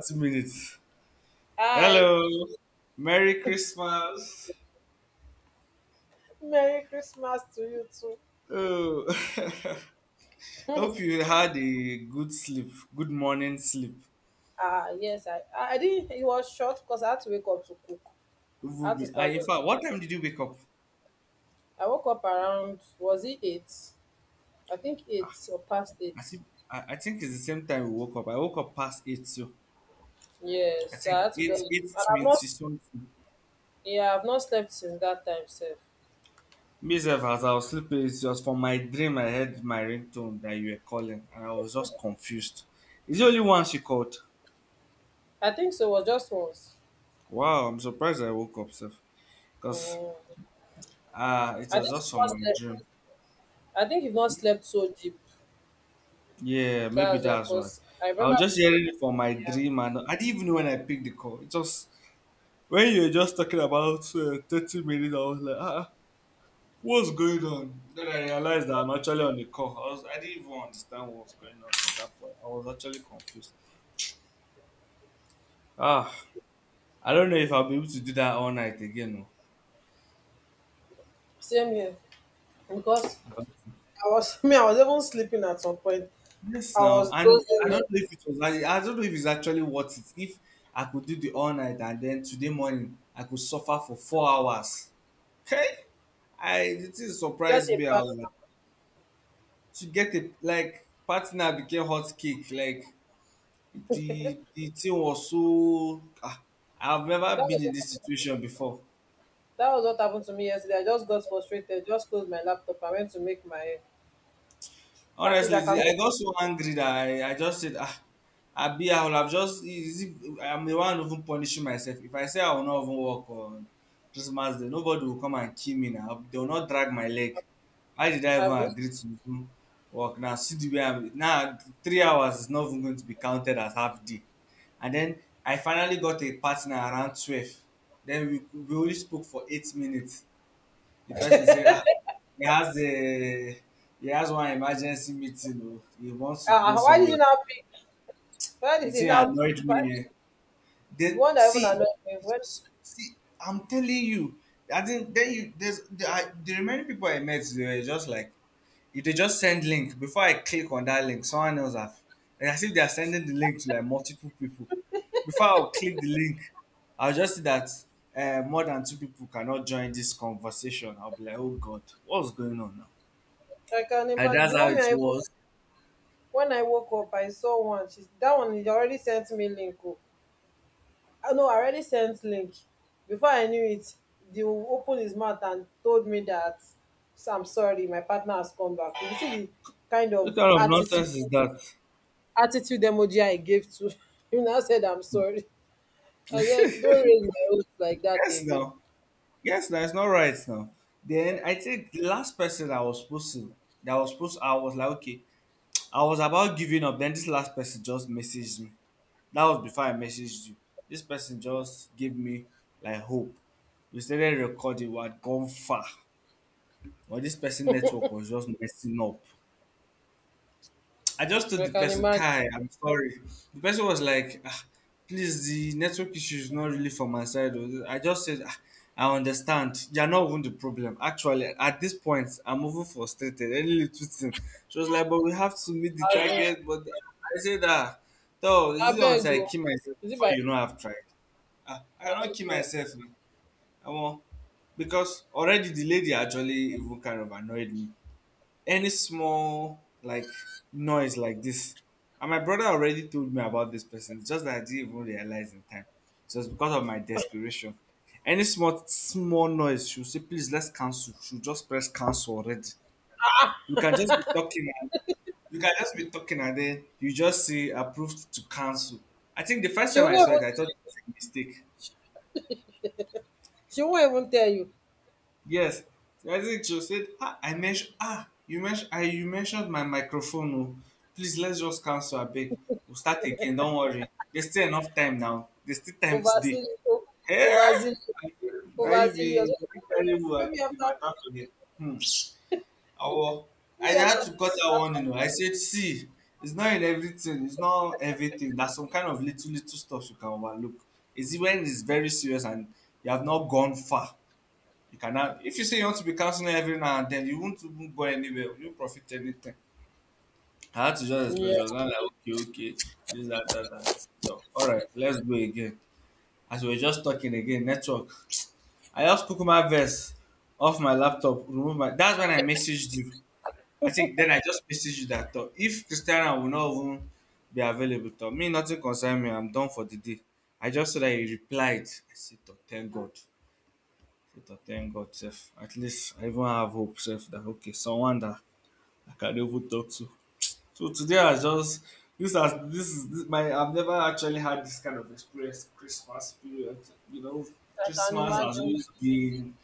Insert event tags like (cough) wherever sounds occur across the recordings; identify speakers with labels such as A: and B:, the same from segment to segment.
A: 30 minutes.
B: Hi.
A: Hello. Merry Christmas.
B: Merry Christmas to you too.
A: Oh, (laughs) hope you had a good sleep, good morning sleep.
B: Ah, yes, I didn't, it was short because I had to wake up to cook. I had to
A: I,
B: stand
A: in fact, what
B: up.
A: time did you wake up?
B: I woke up around, was it eight? I think eight or past
A: I
B: eight.
A: think I think it's the same time we woke up. I woke up past eight, so I
B: Yes, so I
A: think
B: had to just,
A: eight
B: and
A: eight
B: I've
A: twenty
B: not,
A: something.
B: yeah, I've not slept since that time, sir.
A: Myself, as I was sleeping, it was from my dream. I heard my ringtone that you were calling, and I was just confused. It's the only one she called.
B: I think so, it was just once.
A: Wow, I'm surprised I woke up, sir, because
B: Mm.
A: it
B: I
A: was
B: think you've
A: just from
B: not
A: my
B: slept,
A: dream.
B: I think you've not slept so deep.
A: Yeah, maybe
B: That's why,
A: that's why.
B: because I
A: I
B: remember,
A: was just hearing it from my
B: yeah,
A: dream, and I didn't even know when I picked the call. It just when you were just talking about 30 minutes, I was like, what's going on? Then I realized that I'm actually on the call. I didn't even understand what was going on at that point. I was actually confused. Ah, I don't know if I'll be able to do that all night again. No.
B: same here. Because I was (laughs) me, I was even sleeping at some point.
A: Yes,
B: I
A: now,
B: was
A: and
B: closing
A: I don't
B: it.
A: know if it was. I don't know if it's actually worth it. If I could do the all night and then today morning I could suffer for 4 hours. Hey. I the thing
B: Got
A: surprised
B: a
A: me. I
B: pass.
A: was like, to get a like partner became hot cake. Like the thing was so. I've
B: That
A: never been
B: was
A: in
B: what,
A: this situation before.
B: that was what happened to me yesterday. I just got frustrated. Just closed my laptop. I went to make my panties. I
A: Honestly,
B: cannot
A: I got so angry that I just said, Abi, I will have just, is it, I'm the one even punishing myself. If I say I will not even work on Christmas Day, nobody will come and kill me now. They will not drag my leg. Why did I even
B: have you.
A: agree to even work now? See the way I'm, now 3 hours is not even going to be counted as half day. And then I finally got a partner around 12. Then we only spoke for 8 minutes. The person say, he has a he has one emergency meeting. Oh. He wants to go
B: Why did it
A: somewhere.
B: not pick? Why
A: The
B: did it
A: thing
B: not pick?
A: annoyed
B: Why?
A: me. Eh.
B: The
A: They
B: one that even
A: see,
B: annoyed me.
A: it
B: When
A: was, see, I'm telling you. I think then you there's the, I, the remaining people I met they were just like if they just send link before I click on that link, someone else have. And as if they are sending the link to like multiple people. Before I'll click the link, I'll just see that more than two people cannot join this conversation. I'll be like, oh God, what's going on now?
B: I can
A: And
B: imagine the
A: that's how
B: woman
A: it was.
B: when I woke up, I saw one. She's that one. He already sent me link. Oh, I know. I already sent link. Before I knew it, they opened his mouth and told me that so I'm sorry, my partner has come back. You see the kind of
A: What kind of
B: attitude
A: nonsense is that?
B: attitude emoji I gave to (laughs) him. I said, I'm sorry. I said, don't raise my voice like that
A: Yes,
B: again.
A: now. Yes, now it's not right now. Then I think the last person I was supposed to, that was supposed, I was like, okay, I was about giving up. Then this last person just messaged me. That was before I messaged you. This person just gave me like hope. We started recording. We had gone far, but this person network was just messing up. I just told
B: I
A: the
B: can
A: person,
B: imagine.
A: Kai, I'm sorry. The person was like, please, the network issue is not really from my side. Oh. I just said, I understand. You're not even the problem. Actually, at this point, I'm even frustrated. Any little thing. She was like, but we have to meet the
B: I,
A: target. But I said, so this is it
B: beg
A: until I
B: you.
A: kill myself
B: Is it
A: before
B: by
A: you know I've tried? I cannot kill myself. Now. I won't. Because already the lady actually even kind of annoyed me, any small like noise like this, and my brother already told me about this person, it's just that I didn't even realize in time, so it's because of my desperation. Any small small noise she'll say please let's cancel, she'll just press cancel already. You can just be talking and then you just see approved to cancel. I think the first
B: she
A: time
B: will
A: I
B: not
A: saw it I thought
B: even,
A: it was a mistake.
B: she won't even tell you.
A: Yes, as it just said, I mentioned you mentioned I you mentioned my microphone. Oh, please let's just cancel a bit. We'll start again. Don't worry. There's still enough time now. There's still time today.
B: Overzealous,
A: Yeah,
B: overzealous,
A: now
B: overzealous.
A: you be terrible at
B: Maybe
A: the
B: after,
A: matter today. Hmm. Owo, I
B: maybe after
A: had to cut
B: this,
A: that
B: after.
A: one. You know, I said, see, it's not in everything. It's not everything. There's some kind of little stuff you can overlook. Is it when it's very serious and you have not gone far. You cannot. If you say you want to be counseling every now and then, you won't even go anywhere. You won't profit anything. I had to just explain.
B: Yeah,
A: She was not like, okay, okay, this, that, that, that. I said, so, all right, let's go again. As we were just talking again, network. I just took my verse off my laptop, remove my. That's when I messaged you. I think then I just messaged you that thought. If Christiana will not even be available, to me, nothing concern me. I'm done for the day. I just saw that he replied. I said, "Oh, thank God. But thank God, sef. At least I even have hope, sef, that okay, someone that I can even talk to. So today I just this has this is this, my I've never actually had this kind of experience. Christmas period, you know,
B: I can
A: Christmas has
B: imagine.
A: always been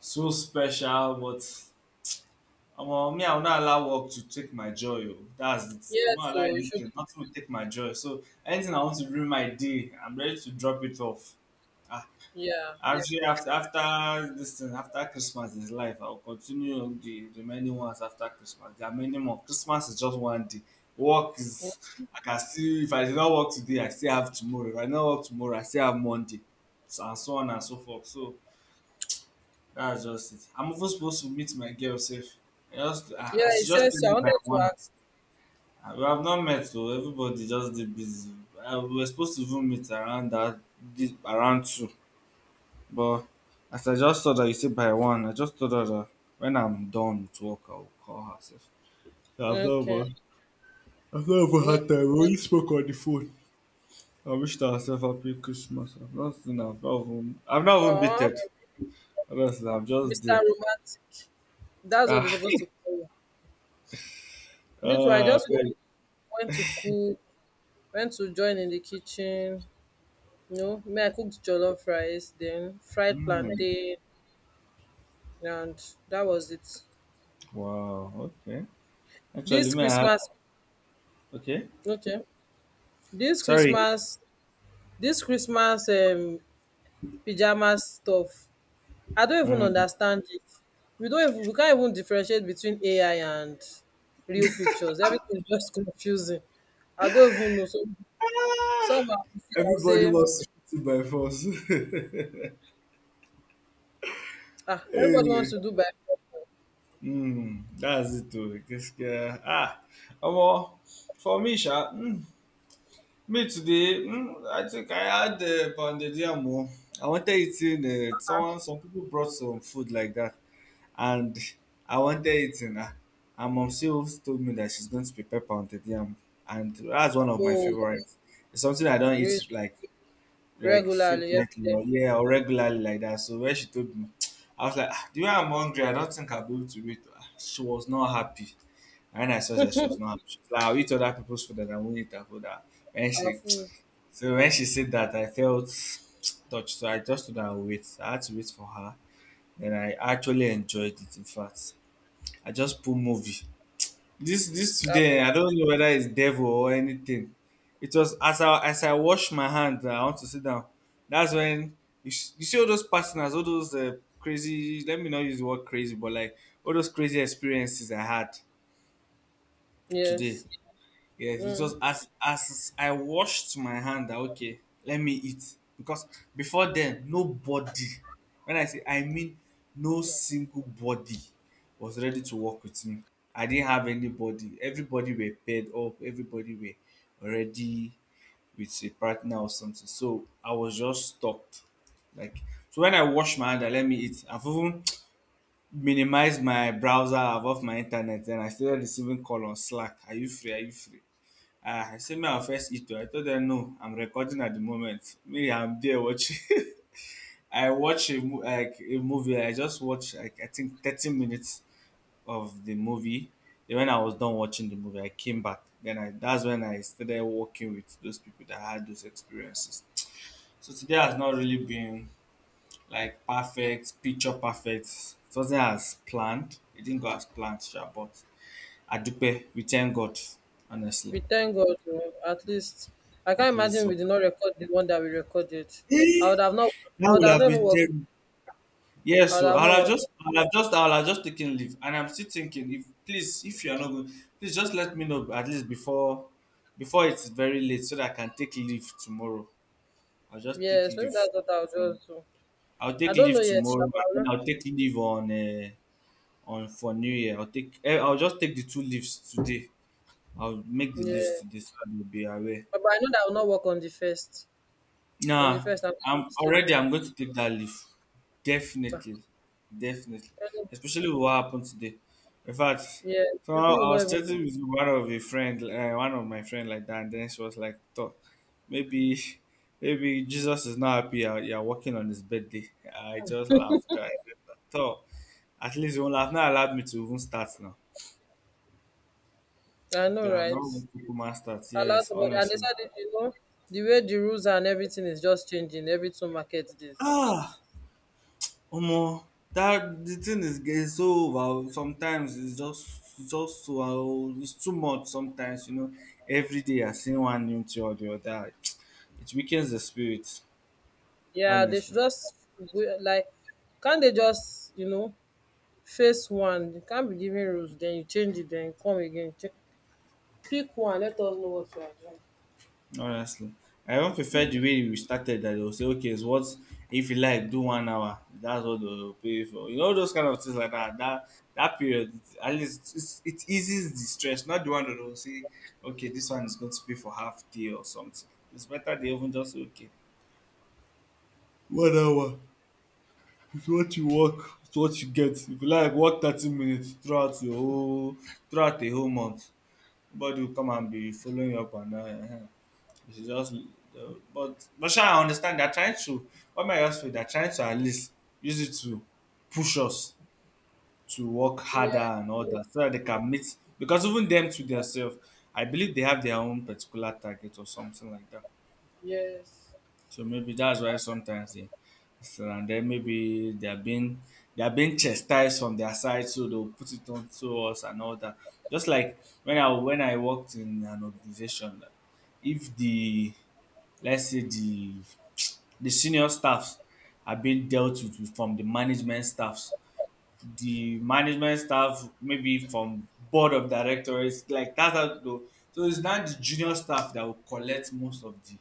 A: so special, but me, I will not allow work to take my joy. Oh. That's it. I'm
B: Yeah,
A: not allow
B: so you should.
A: anything. Nothing will take my joy. So anything I want to ruin my day, I'm ready to drop it off.
B: Yeah,
A: Actually, after this thing, after Christmas is life, I'll continue the remaining ones after Christmas. There are many more. Christmas is just one day. Work
B: Mm.
A: is, I can still, if I did not work today, I still have tomorrow. If I did not work tomorrow, I still have Monday. So, and so on and so forth. So, that's just it. I'm even supposed to meet my girl safe.
B: yeah.
A: I
B: He
A: should just
B: says
A: tell
B: so. I
A: you by
B: wanted to
A: one.
B: ask.
A: We have not met, so everybody just did busy. We were supposed to even meet around this- around two. But as I just saw that you said by one, I just thought her that when I'm done with work, I'll call herself. I've not
B: Okay,
A: even, I've not even
B: no,
A: had time. We only spoke on the phone. I wished herself happy Christmas. I've not seen her. I've not even beat
B: uh,
A: Honestly, I'm just
B: Mr.
A: there.
B: Romantic. That's what they're
A: Ah,
B: supposed to call you.
A: (laughs)
B: Me too,
A: ah, very-
B: went to cook, went to join in the kitchen. You know, me, I cooked jollof rice, then fried
A: Hmm.
B: plantain, and that was it.
A: Wow. Okay. Actually,
B: This
A: may I?
B: Christmas,
A: Okay.
B: okay, this
A: Sorry.
B: Christmas, this Christmas pajama stuff, I don't even
A: Mm.
B: understand it. We can't even differentiate between AI and real pictures. Everything is just (laughs) confusing. I don't even know. So, somehow, I'll
A: Everybody
B: say
A: wants to fit in by force.
B: Ah,
A: (laughs)
B: everybody wants
A: hey.
B: to do breakfast.
A: Mm, that's it too. This girl. Omo, for me, sha, mm, me today, mm, I think I had pounded yam. Oh. I wanted eating. Someone, some people brought some food like that, and I wanted eating. And mom still told me that she's going to prepare pounded yam, and that's one of my
B: Oh,
A: favorites. It's something I don't
B: really?
A: eat
B: Regularly, every
A: frequently
B: day.
A: or yeah or regularly like that. So when she told me, (tsk) I was like, "Ah, the way I'm hungry, I don't think I'll be able to wait. Ah, she was not happy. And when I saw that she was not happy, she was like, "Ah, I'll eat other people's food and I won't eat her food. Ah, when
B: Our
A: she
B: food.
A: (tsk) so when she said that I felt (tsk) touched. So I just told her I'll wait. I had to wait for her. Then I actually enjoyed it in fact. I just put movie. This
B: Abi?
A: today, I don't know whether it's devil or anything. It was as I wash my hands, I want to sit down. That's when you, you see all those partners, all those crazy. Let me not use the word crazy, but like all those crazy experiences I had today.
B: Yes.
A: Yes, it
B: Mm.
A: was as I washed my hand that okay, let me eat. Because before then, nobody, when I say I mean no single body was ready to work with me. I didn't have anybody. Everybody were paired up, everybody were already with a partner or something. So I was just stuck. Like so when I washed my hand, I let me eat. I've even (tsk) minimized my browser, above my internet, and I started receiving call on Slack. Are you free? Are you free? Ah, I said, "May I first eat I told them, no, I'm recording at the moment. Me I'm there watching (laughs) I watch a like a movie. I just watched, like I think 30 minutes of the movie. Then when I was done watching the movie, I came back. Then I that's when I started working with those people that had those experiences. So today has not really been like perfect, picture perfect. It wasn't as planned. It didn't go as planned, sure, but Adupe, we thank God, honestly.
B: We thank God. Oh, at least, I can't
A: At least
B: imagine we
A: it's
B: did not record the one that we recorded. I would
A: what.
B: have not.
A: (laughs)
B: I
A: That
B: would
A: would
B: have
A: have
B: never
A: been
B: worked.
A: terrible.
B: I
A: Yes,
B: would
A: so
B: have not worked.
A: I'll have just taken leave, and I'm still thinking, if please, if you are not going, please just let me know at least before before it's very late so that I can take leave tomorrow. I'll just take
B: Yes, maybe
A: leave.
B: that's what I'll just do.
A: I'll
B: I
A: take
B: don't know
A: leave
B: yet, sha,
A: tomorrow,
B: but
A: and
B: I'll
A: then
B: not-
A: I'll take leave on for New Year. I'll take I'll just take the two leaves today. I'll make the
B: yeah,
A: leaves today so that will be aware.
B: but I know that I will not work on the first. On the
A: Nah,
B: first, I'm
A: I'm already.
B: sleeping.
A: I'm going to take that leave.
B: Ah,
A: Definitely, definitely.
B: any-
A: Especially with what happened today. In fact,
B: yeah,
A: so
B: people will
A: I
B: not
A: was
B: even.
A: chatting with one of a friend, one of my friend like that, and then she was like, "Thought maybe, maybe Jesus is not happy. You're working on his birthday." I just laughed. I thought at least you have not allowed me to even start now.
B: I
A: I
B: know,
A: could have
B: right?
A: not even Pokemon start.
B: Allows
A: Yes,
B: about and they
A: honestly.
B: said it, you know, the way the rules and everything is just changing every two market days.
A: Ah. Omo, that the thing is so over sometimes, it's just so it's too much sometimes, you know. Every day I see one new thing or the other. (tsk) It weakens the spirit,
B: Yeah, they should
A: honestly.
B: just we- like can't they just, you know, face one. You can't be giving rules, then you change it, then come again. Check, pick one, let us know what you are doing.
A: Honestly. I even prefer the way we started, that they'll say, okay, it's what, if you like do 1 hour, that's what they'll pay for. You know, those kind of things like that. That period, at least it's, it eases the stress, not the one that will say, okay, this one is going to pay for half day or something. It's better they even just say, okay, 1 hour is what you work, it's what you get. If you like work 30 minutes throughout your whole throughout a whole month, nobody will come and be following you up and down. You should just but sure, I understand they are trying to what my I they are trying to at least use it to push us to work harder
B: Yes,
A: and all that, so that they can meet, because even them to themselves, I believe they have their own particular target or something like that.
B: yes.
A: So maybe that's why sometimes they so, and then maybe they are being chastised from their side, so they'll put it on to us and all that. Just like when I worked in an organization, if the let's say the senior staffs are being dealt with from the management staffs, the management staff maybe from board of directors, like that's how though. So it's not the junior staff that will collect most of the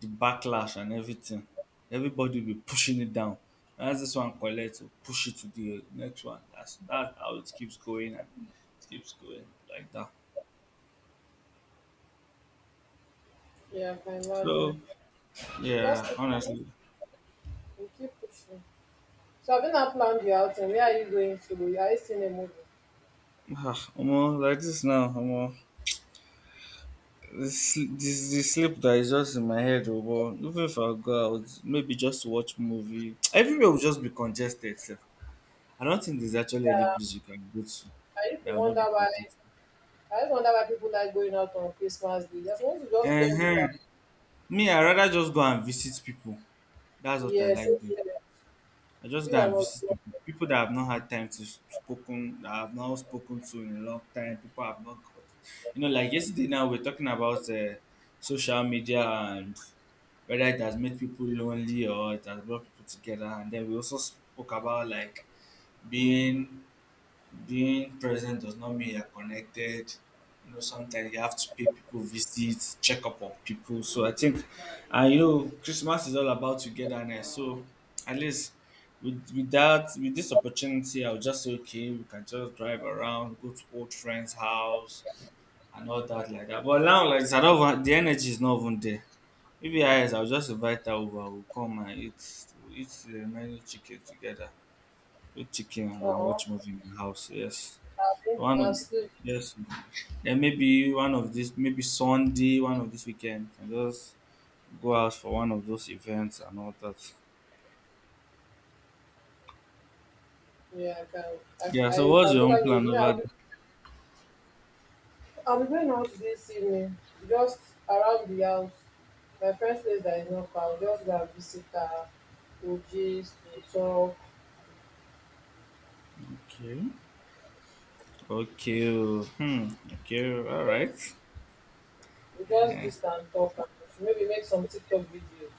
A: backlash and everything. Everybody will be pushing it down. As this one collects, will push it to the next one. That's that how it keeps going, and it keeps going like that.
B: Yeah, I can imagine.
A: So
B: You just
A: yeah,
B: keep,
A: honestly,
B: you keep pushing. So have you not planned your outing? Where are you going to? Are you seeing a movie?
A: ah, omo, like this now, omo, this the sleep that is just in my head, omo. Even if I go out, maybe just to watch movie, (tsk) everywhere will just be congested. Sef. I don't think there's actually any place you can go to
B: I used to
A: that will not be
B: wonder why
A: congested.
B: I used to wonder why people like going out on Christmas Day. Just want to just
A: Uh
B: spend it
A: huh.
B: out.
A: Me, I rather just go and visit people. That's what I
B: Yes,
A: like
B: it's
A: doing.
B: correct.
A: I just
B: You
A: go
B: can
A: and visit
B: also
A: people, people that I've not had time to spoken, that I've not spoken to in a long time. People I've not got, you know, like yesterday now we're talking about social media and whether it has made people lonely or it has brought people together. And then we also spoke about, like, being present does not mean you're connected. You know, sometimes you have to pay people visits, check up on people. So I think, and you know, Christmas is all about togetherness. So at least with that, with this opportunity, I'll just say, okay, we can just drive around, go to old friends' house, and all that like that. But now, like, it's not even, the energy is not even there. Maybe I, I'll just invite her over. We'll come and eat, we'll eat the remaining chicken together. Eat chicken and I
B: uh-huh.
A: watch movie in my house. Yes.
B: Abi,
A: One of
B: and sleep.
A: yes. Then maybe one of this, maybe Sunday, one of this weekend, can just go out for one of those events and all that.
B: Yeah, I can.
A: Yeah, so
B: I
A: what's
B: can
A: your own
B: totally with
A: plan
B: me.
A: over.
B: I'll be going out this evening, just around the house. My friend says that is not far. We'll just go and visit her. We'll gist, we'll talk.
A: Okay. Okay. Oh, hmm. Okay. All right.
B: Yes. We just
A: Eh,
B: gist and talk and maybe make some TikTok videos.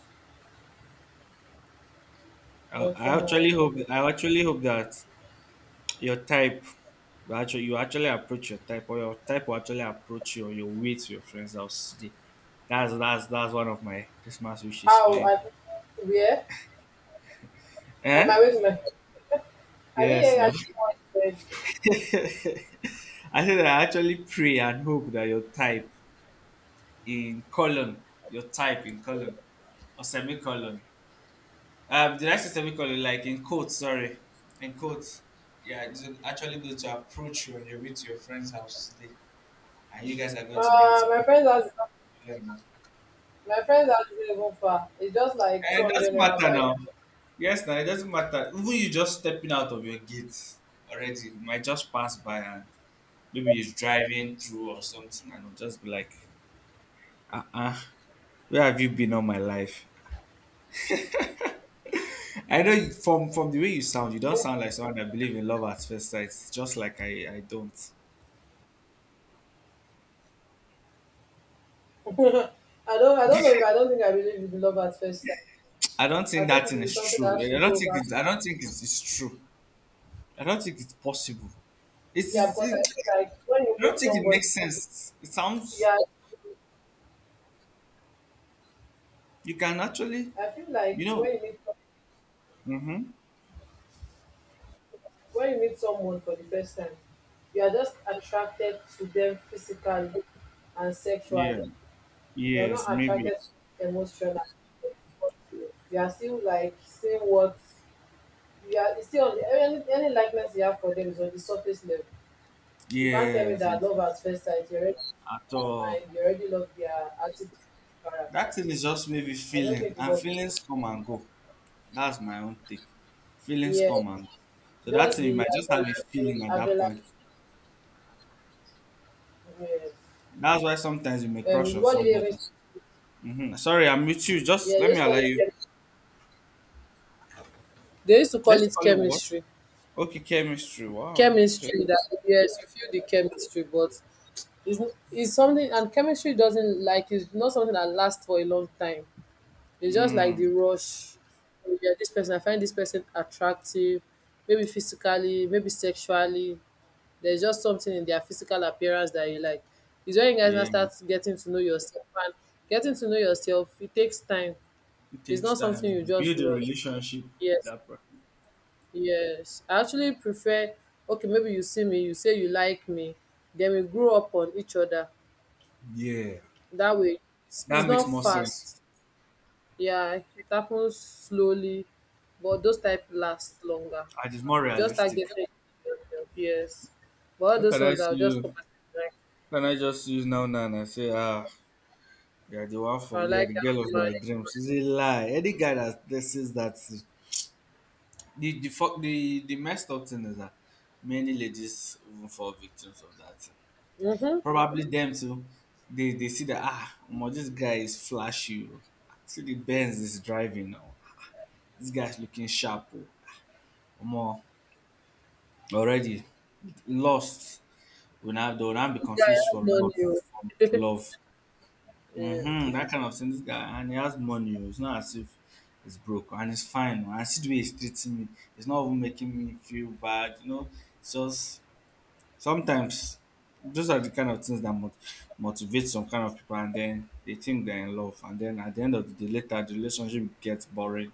B: Nothing more.
A: I actually hope that your type you actually approach your type, or your type will actually approach your way to your friend's house today. That's one of my Christmas wishes for
B: How
A: you.
B: I where? On my
A: Eh?
B: way to my I didn't hear you
A: Yes, no.
B: actually what you said.
A: (laughs) I said I actually pray and hope that your type in colon, your type in colon or semicolon. Did I say semicolon? Like in quotes, sorry, in quotes. Yeah, it's actually going to approach you on your way to your friend's house today, and you guys are going to get.
B: Uh my friend has
A: Yeah, no.
B: My friend's house not even far. It's just like
A: Eh, it
B: 200
A: doesn't
B: naira
A: matter
B: bike.
A: now. Yes, now it doesn't matter. Even you just stepping out of your gate already, you might just pass by, and maybe he's driving through or something, and it'll just be like, uh uh where have you been all my life? I know from the way you sound, you don't sound like someone that believe in love at first sight. Just like I don't.
B: (laughs) I don't know if I don't think I believe in love at first sight.
A: I don't
B: I
A: think
B: think
A: that
B: it will
A: thing
B: be
A: is
B: something that
A: true.
B: has to grow over time.
A: I don't think it's true. I don't think it's possible. It's,
B: Yeah,
A: it's
B: because
A: it,
B: I feel like when you
A: I don't
B: meet
A: think it
B: somebody,
A: makes sense. It sounds
B: yeah,
A: you can actually
B: I feel like
A: you know. Mm-hmm.
B: when you meet someone for the first time, you are just attracted to them physically and sexually.
A: Yeah.
B: You are
A: Yes.
B: not
A: Maybe.
B: attracted to them emotionally. You are still like seeing what you are it's still on any likeness you have for them is on the surface level. You can't tell me
A: Yes.
B: that
A: Yes.
B: love
A: Yes.
B: at first sight. You already
A: At
B: mind,
A: all.
B: you already love their attitude,
A: That
B: character.
A: thing is just maybe
B: I don't
A: feeling,
B: think it
A: and
B: was.
A: feelings come and go. That's my own take. Feelings
B: Yes,
A: come and go. So that
B: just
A: thing you
B: the
A: might just have a
B: adrenaline,
A: feeling at that
B: adrenaline.
A: point.
B: Yes.
A: That's why sometimes you may crush on
B: What did they even?
A: somebody. Hmm. Sorry, I'm with you. Just
B: Yeah, they
A: let me
B: just call
A: allow
B: it.
A: you.
B: Chemistry. They used to call
A: Let's
B: it
A: call it what?
B: chemistry.
A: Okay, chemistry. Wow. Okay.
B: Chemistry that yes, you feel the chemistry, but it's it's something and chemistry doesn't like it's not something that lasts for a long time. It's just like the
A: Mm.
B: rush. Oh, yeah, this person, I find this person attractive, maybe physically, maybe sexually. There's just something in their physical appearance that you like. It's when you guys now
A: Yeah.
B: start getting to know yourself. And getting to know yourself, it takes time.
A: It
B: It's
A: takes
B: not something you
A: time.
B: just
A: Build a
B: rush.
A: relationship with
B: Yes,
A: that person.
B: yes. I actually prefer, okay, maybe you see me, you say you like me, then we grow up on each other.
A: Yeah.
B: That way, it's
A: That
B: not
A: makes more sense.
B: fast. Yeah, it happens slowly, but those type last longer.
A: And it's more
B: You just start
A: realistic.
B: getting yourself, yes. But all
A: How
B: those
A: can I
B: ones that
A: see
B: will just come
A: you?
B: and say, like,
A: Can I just use now now and I say ah, yeah, the one
B: I
A: for, yeah,
B: like
A: the
B: how
A: girl
B: to
A: of my
B: marry.
A: dreams. She's a lie. Any guy that, that says that the fuck, the messed up thing is that many ladies even fall victims of that thing.
B: Mm-hmm.
A: Probably them too. They see that, ah, omo, this guy is flashy. Oh. See the Benz is driving now. This guy's looking sharp. Oh. Omo, already lost. We now they will now be
B: This guy
A: confused
B: has
A: for
B: money.
A: love
B: Oh.
A: from love.
B: (laughs)
A: Mm-hmm,
B: yes.
A: that kind of thing. This guy, and he has money. Oh, it's not as if it's broke, and it's fine. Oh, and see the way he's treating me. It's not even making me feel bad. You know, it's just sometimes those are the kind of things that motivate some kind of people, and then they think they're in love, and then at the end of the day, later the relationship gets boring.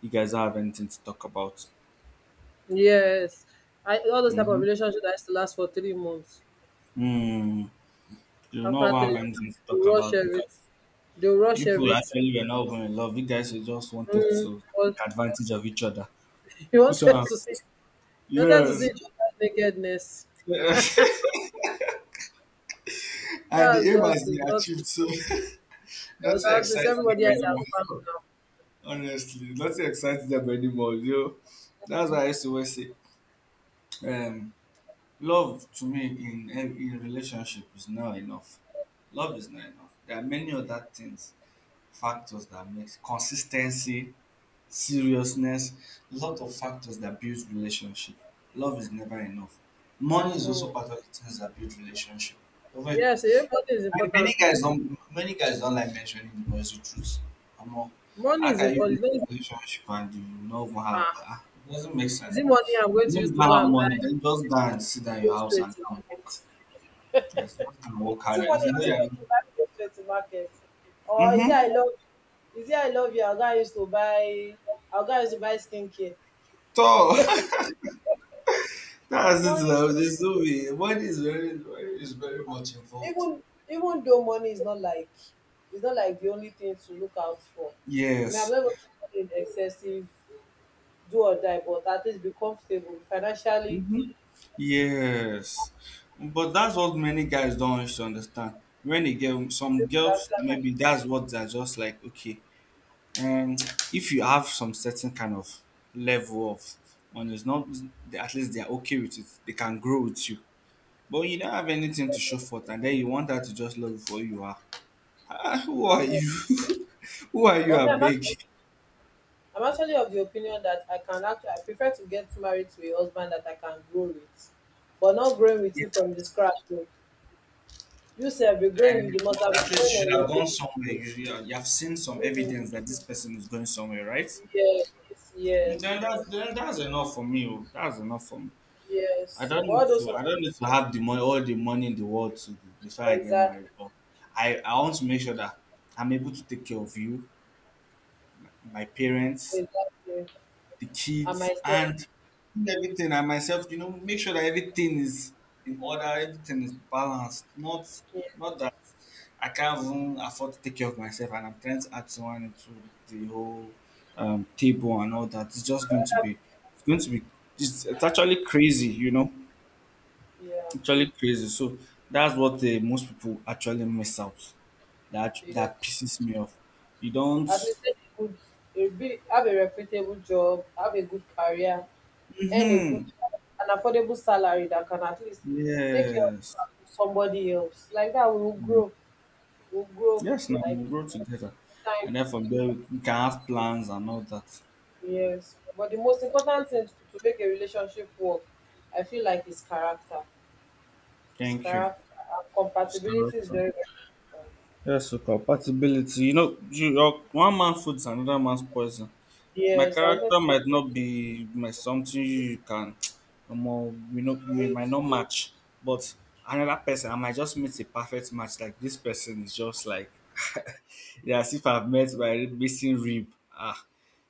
A: You guys don't have anything to talk about.
B: Yes. I, all those type of
A: Mm-hmm.
B: relationships that used to last for 3 months.
A: Mm, you don't
B: After
A: ever have
B: three
A: anything to
B: months, they
A: talk
B: rush
A: about
B: every
A: because
B: they rush
A: people
B: everything.
A: actually were not even in love. You guys were just wanted
B: Mm,
A: to
B: because
A: take advantage of each other.
B: (laughs) you
A: This
B: wanted
A: one,
B: to see you wanted to see
A: yes.
B: each other's nakedness.
A: (laughs) And the
B: That's
A: aim
B: just
A: has
B: is
A: been
B: not
A: achieved, so (laughs)
B: So
A: nothing
B: that is
A: excites
B: everybody
A: them
B: else has
A: anymore.
B: family now.
A: Honestly, nothing excites them anymore. You know? That's why I used to always say, um, love to me in relationship is not enough. Love is not enough. There are many other things, factors that makes consistency, seriousness, a lot of factors that builds relationship. Love is never enough. Money is
B: Mm.
A: also part of the things that build relationship. Over.
B: Yes, everybody is
A: And
B: important too.
A: many guys don't like mentioning the noisy truth. I'm all.
B: Money
A: How
B: is
A: can you
B: important.
A: be in
B: It's not easy.
A: a relationship and you no even have
B: Ah,
A: ah, it doesn't make
B: is
A: sense.
B: it money
A: If
B: I'm going
A: you
B: to use
A: don't
B: to go and
A: have money,
B: buy
A: then just go and sit down in
B: go
A: your house
B: straight
A: and
B: to
A: go and
B: market?
A: work.
B: Is
A: Yes, just go and work
B: it
A: harder. If
B: money
A: you
B: I'm
A: know
B: going to
A: that,
B: use to buy go straight to market? Or is it I
A: mm-hmm.
B: love Is it I love you? I'll go and use to buy skincare.
A: So (laughs) that's it
B: Money
A: now.
B: is
A: There's no money is very much involved.
B: even even though money is not like it's not like the only thing to look out for. I mean, I'm
A: Yes.
B: not even in excessive do or die, but at least be comfortable financially.
A: Hmm. Yes, but that's what many guys don't want you to understand. When a girl, some girls,
B: After my
A: maybe that's what they're just like, okay, um, if you have some certain kind of level of, and it's not, at least they're okay with it, they can grow with you. But you don't have anything to show for it, and then you want her to just love you for who you are. Ah, who are
B: abeg
A: you? (laughs) Who are you,
B: but
A: a
B: me I'm act
A: big?
B: I'm actually of the opinion that I can actually I prefer to get married to a husband that I can grow with, but not growing with you from the scratch o. You sef be growing you
A: And
B: the must
A: but
B: have been
A: at least you
B: growing
A: should
B: on
A: have
B: your
A: gone somewhere. You have seen some
B: own. Mm,
A: evidence that this person is going somewhere, right?
B: yes,
A: Then
B: yes,
A: that's then that's enough for me. Oh. That's enough for me.
B: yes. But all those ones
A: I don't need to have the money, all the money in the world to, before I get married.
B: exactly,
A: But I want to make sure that I'm able to take care of you, my parents,
B: exactly.
A: the
B: And
A: kids,
B: myself.
A: and everything and myself. You know, make sure that everything is in order. Everything is balanced. Not
B: Yeah,
A: not that I can't even afford to take care of myself, and I'm trying to add someone into the whole table and all that. It's just going to be, it's going to be, It's actually crazy,
B: yeah,
A: actually crazy. So that's what most people actually miss out. That
B: yeah.
A: that pisses me off. You don't.
B: At least get a good, a big, have a reputable job, have a good career, earn a good,
A: Mm-hmm.
B: an affordable salary that can at least take care of
A: Yes.
B: somebody else. Like that, we will grow
A: Yes. Now
B: like
A: we grow together,
B: time.
A: and then from there we can have plans and all that.
B: Yes, but the most important thing to make a relationship work, I feel like is character. Is
A: Thank you.
B: character and
A: It's
B: compatibility
A: correct.
B: is very very important.
A: Yes, so compatibility. You know, your one man food is another man's poison. My
B: Yes, I wanted
A: character
B: to
A: might not be my something you can. (tsk) More we know we
B: marry
A: might not match, but another person I might just meet a perfect match. Like this person is just like, (laughs) yeah, as if I've met my missing rib. Ah,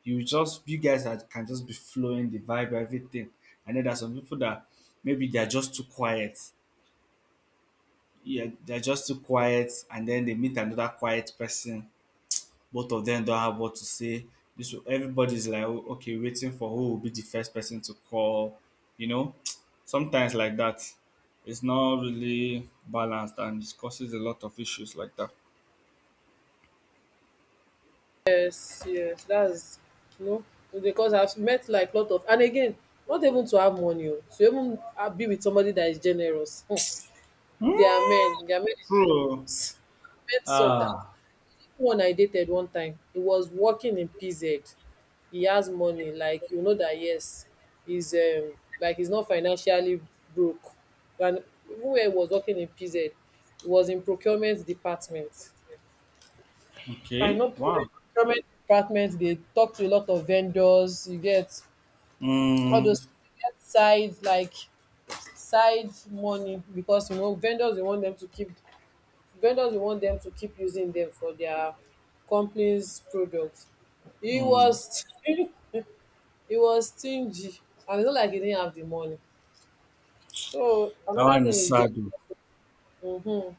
A: you guys are, can just be flowing the vibe, everything. And then there's some people that maybe they're just too quiet. Yeah, they're just too quiet, and then they meet another quiet person, both of them don't have what to say. This everybody's like, "Oh, okay, waiting for who will be the first person to call, you know. (tsk) Sometimes like that, it's not really balanced and it causes a lot of issues like that.
B: Yes, yes, that's you know because I've met like lot of and again, not even to have money o, to even ha be with somebody that is generous there are
A: Hmm.
B: men they are men in this
A: True.
B: business. I met some that
A: Ah,
B: one I dated one time, he was working in PZ. He has money like you know that yes, he's like he's not financially broke and even when he was working in PZ, he was in procurement department. I
A: okay.
B: know people, the
A: Wow.
B: procurement department, they talk to a lot of vendors. You get all
A: Mm,
B: those you get side like side money because you know vendors they want them to keep using them for their company's products. He was (laughs) he was stingy and it's not like he didn't have the money. So
A: that
B: another
A: one
B: thing
A: is
B: is just
A: sad. Oh.
B: mhm.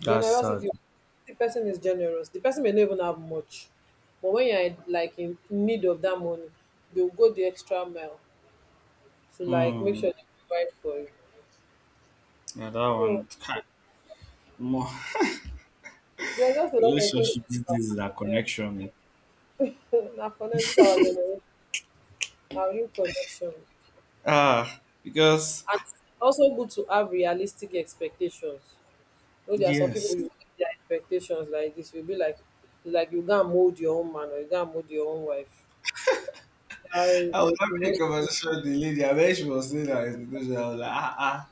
A: That's sad.
B: Generosity. The person is generous. The person may not even have much, but when you're in- like in need of that money, they'll go the extra mile to like make
A: Mm,
B: sure they provide for you.
A: yeah, that
B: So
A: one. Kai, more.
B: there are just
A: (laughs)
B: a lot of things to
A: Relationship these
B: talk
A: days is a
B: about
A: connection. Eh.
B: there. (laughs) Na connect this our generation, our new connection,
A: Ah, because
B: and it's also good to have realistic expectations. You know, there are some people
A: yes.
B: you give their expectations like this. You'll be like you can't mold your own man or you can't mold your own wife. They
A: I was
B: you know,
A: having a conversation with the lady, and when she was saying that expectation, I was like,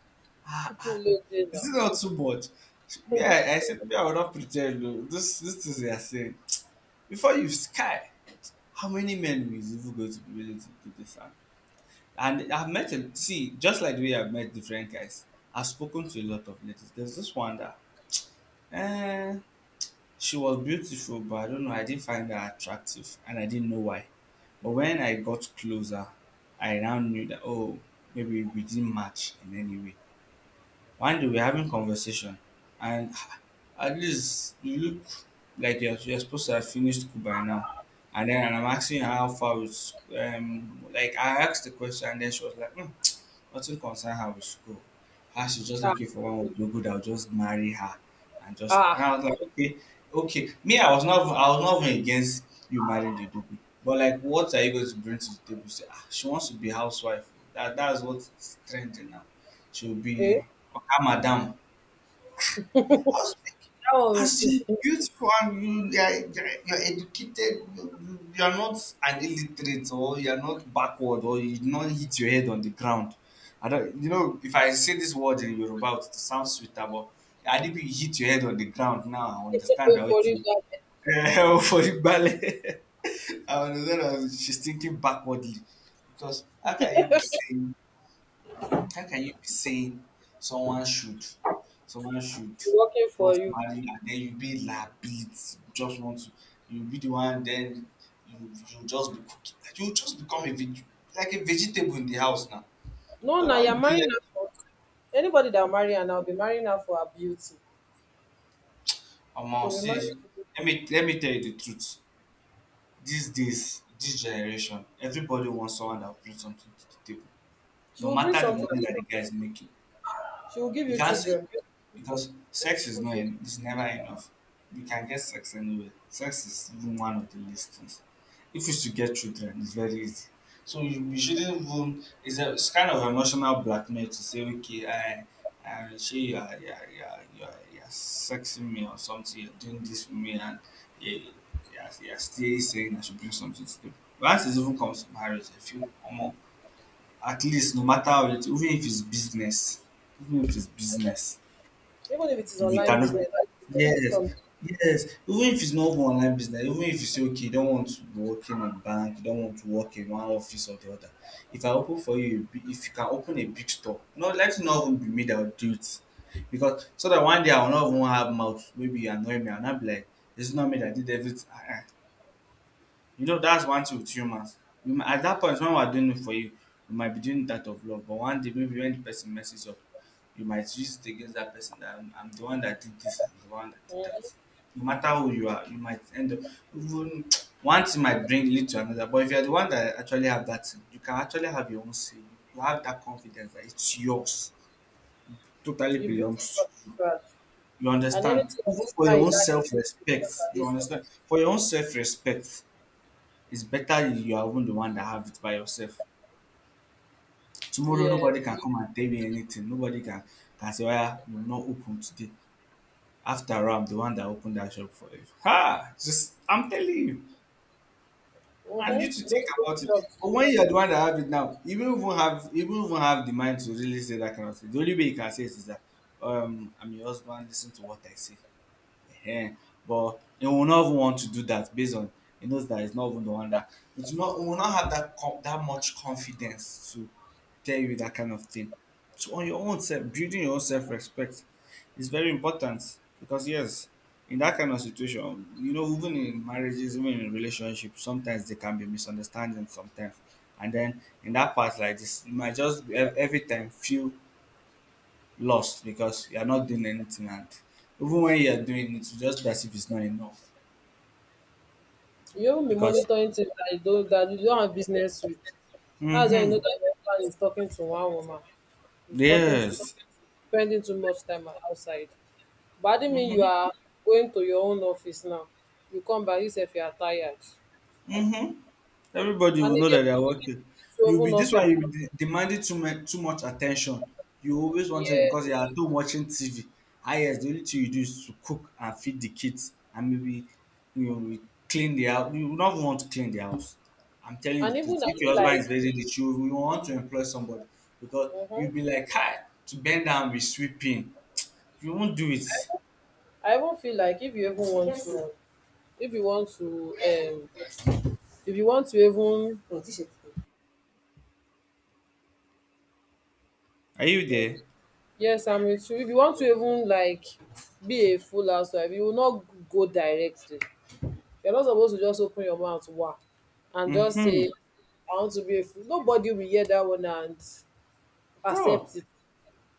B: putting load there
A: is
B: now.
A: it not too much? Me, I said, me, I will not pretend. No. This things they are saying. Before you sky, how many men is even going to be willing to do this? And I've met, a, see, just like the way I've met different guys, I've spoken to a lot of ladies. There's this one that, eh, she was beautiful, but I don't know, I didn't find her attractive and I didn't know why. But when I got closer, I now knew that, oh, maybe we didn't match in any way. One day we're having conversation, and (sighs) at least you look like you're supposed to have finished school by now. And then and I'm asking her how far it's like I asked the question, and then she was like, (tsk) nothing concern her with school. Her She's just
B: Ah,
A: looking for one with no good, I'll just marry her, and just and
B: Ah,
A: I was like, okay, okay. Me, I was not even against you marrying the Dugu. But like, what are you going to bring to the table? Say, ah, she wants to be housewife. That's what's trending now, to be
B: eh,
A: Oga Madam. I was like,
B: that one
A: as
B: is
A: you beautiful and you're educated, you are not an illiterate, or you are not backward, or you did not hit your head on the ground. I don't, you know, if I say this word in Yoruba, it will sound sweeter, but I didn't hit your head on the ground now. I
B: (laughs)
A: understand
B: go
A: that,
B: for you,
A: okay.
B: that
A: Eh, (laughs) for the ballet, (laughs) I understand that she's thinking backwardly, because how can you be saying someone should, someone should
B: be working for
A: just
B: you.
A: marry, and then you be labit, just want to, you be the one, then you just be cooking, like you just become like a vegetable in the house now.
B: No,
A: You're
B: now
A: not
B: you're
A: doing
B: marrying
A: it.
B: her for anybody that marry her now be marrying her for her beauty.
A: Omo,
B: She'll be
A: see,
B: marrying you.
A: let me tell you the truth. These days, this generation, everybody wants someone that will bring something to the table,
B: She
A: no
B: will bring
A: matter the
B: something.
A: money that the guy is making.
B: She will give
A: You
B: you
A: can't say,
B: children.
A: because sex is
B: Beautiful
A: not
B: children.
A: en- is never enough. You can get sex anywhere. Sex is even one of the least things. If it's to get children, it's very easy. So you shouldn't even. It's kind of emotional blackmail to say, okay, I she, you are sexing me or something. You're doing this for me, and you, you are still saying I should bring something to them. Once it even comes to marriage, I feel more. At least, no matter how it, even if it's business,
B: Even if it is
A: we so
B: online business,
A: cannot.
B: that you do it
A: Yes,
B: from
A: yes. Even if it's not even online business, even if you say okay, you don't want to work in a bank, you don't want to work in one office or the other. If I open for you, if you can open a big store, no, let it not even be me that will do it, because so that one day I will not even have mouth. Maybe you annoy me, I'll not be like, this is not me that did everything. Uh-uh. You know that's one thing with humans. At that point, when we're doing it for you, we might be doing that of love, but one day maybe when the person messes up, you might use it against that person that I'm the one that did this, I'm the one that did
B: eh,
A: that, no matter who you are. You might end up even (tsk) one thing might bring lead to another, but if you're the one that actually have that thing, you can actually have your own say. You have that confidence that it's yours, totally
B: you build it from
A: belongs to you.
B: scratch.
A: You
B: And
A: understand,
B: anything
A: even
B: like
A: for your
B: that
A: own
B: is added to
A: self-respect. You
B: this one.
A: understand, for your own self-respect, it's better if you are even the one that have it by yourself. Tomorrow
B: Yes.
A: nobody can come and tell you anything, nobody can say, oya, you not open today? After all, I'm the one that opened that shop for you. Ha! Just I'm telling you, I
B: Mm-hmm.
A: need to
B: Those
A: think about it.
B: shops.
A: But when you're the one that have it now, you won't even have the mind to really say that kind of thing. The only way you can say it is that I'm your husband, listen to what I say. Ehen. But he will not even want to do that, based on he knows that he's not even the one that, it will not, he will not have that that much confidence to tell you that kind of thing. So on your own self, building your own self respect is very important, because yes, in that kind of situation, you know, even in marriages, even in relationships, sometimes there can be misunderstandings sometimes. And then in that part like this, you might just every time feel lost, because you're not doing anything, and even when you're doing it, it's just as if it's not enough
B: You will be
A: because.
B: monitoring things that you don't have business with. That's when you know
A: Mm-hmm.
B: that your husband is talking to one woman. He's talking to
A: Yes.
B: spending too much time outside. But I didn't mean you are going to your own office now. You come back yourself, you are tired.
A: Mm-hmm. Everybody
B: And
A: will know
B: again,
A: that they are working.
B: this
A: You'll be
B: woven
A: this
B: also
A: one.
B: back.
A: You'll be demanding too much attention. You always want it because you
B: Yes.
A: are at home watching TV. Ah yes, the only thing you do is to cook and feed the kids, and maybe you clean the house. You will not want to clean the house. I'm telling you the
B: And even
A: truth.
B: I
A: If your
B: feel
A: husband
B: like
A: is raising the children, you want to employ somebody, because
B: hmm
A: you'll be like, hi, to bend down with sweeping. You won't do it.
B: I even feel like if you even want to if you want to if you want to even
A: Are you there?
B: Yes, I'm with you. If you want to even like be a full housewife, you will not go directly. You're not supposed to just open your mouth wah, and just
A: Mm-hmm.
B: say, I want to be a fool. Nobody will hear that one and accept
A: So
B: it.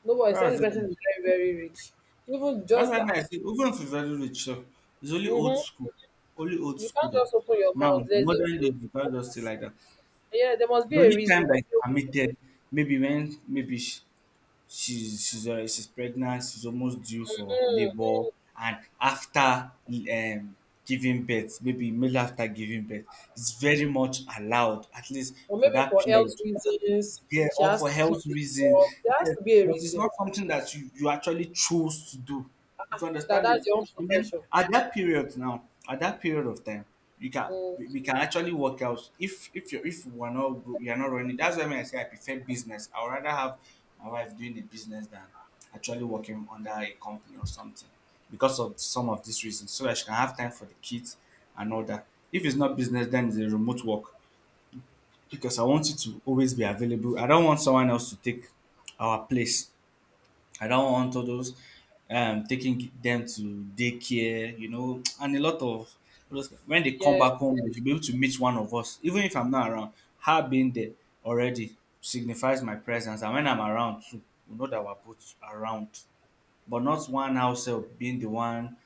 B: Nobody, except the
A: that's it.
B: person is very, very rich. Even
A: That's
B: just
A: why me I say even if you very rich sef, it's only
B: mm
A: old school, only old
B: you can't
A: schooler.
B: just open your
A: Now
B: mouth. There's a
A: modern day you
B: there
A: can't just stay
B: must-
A: like that.
B: yeah, there must be
A: The
B: a
A: only
B: reason,
A: time that is
B: maybe,
A: permitted, maybe when maybe she's pregnant, she's almost due for labour, and after um giving birth, maybe immediately after giving birth, it's very much allowed at least
B: or
A: for
B: maybe
A: that
B: for health
A: period,
B: reasons.
A: yeah,
B: She
A: or
B: has
A: for
B: to leave
A: health
B: the
A: reasons.
B: job. There has
A: Yeah,
B: to be a
A: but it's
B: reason.
A: not something that you actually choose to do. It's
B: Ah, that
A: understanding.
B: that's your own
A: And then
B: profession.
A: at that period now, at that period of time, you can
B: Mm,
A: we can actually work out if you if we're not you're not running. That's why when I say I prefer business. I would rather have my wife doing a business than actually working under a company or something, because of some of these reasons. So that she can have time for the kids and all that. If it's not business, then it's a remote work, because I want it to always be available. I don't want someone else to take our place. I don't want all those taking them to daycare, you know, and a lot of when they come
B: Yes.
A: back home, they should be able to meet one of us, even if I'm not around. Her being there already signifies my presence, and when I'm around too, we know that we're both around. But not one ourselves being the one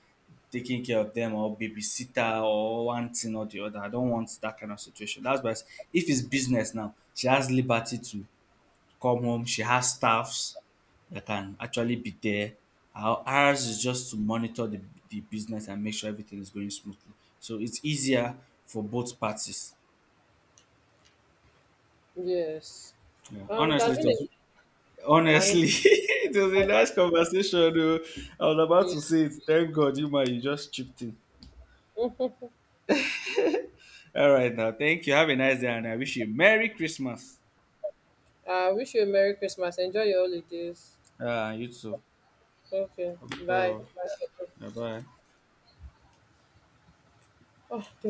A: taking care of them, or babysitter, or one thing or the other. I don't want that kind of situation. That's why if it's business now, she has liberty to come home. She has staffs that can actually be there. Ours is just to monitor the business and make sure everything is going smoothly. So it's easier for both parties.
B: yes.
A: Yeah.
B: It
A: Honestly,
B: has been a, an
A: honestly, (laughs)
B: interesting
A: it was a nice
B: conversation.
A: conversation. Though. I was about
B: Yeah.
A: to say it. Thank God you, man, you just chipped in. All right, now thank you. Have a nice day, and I wish you Merry Christmas.
B: I wish you a Merry Christmas. Enjoy your holidays.
A: You too.
B: Okay. Bye.
A: Bye bye.
B: Oh, thank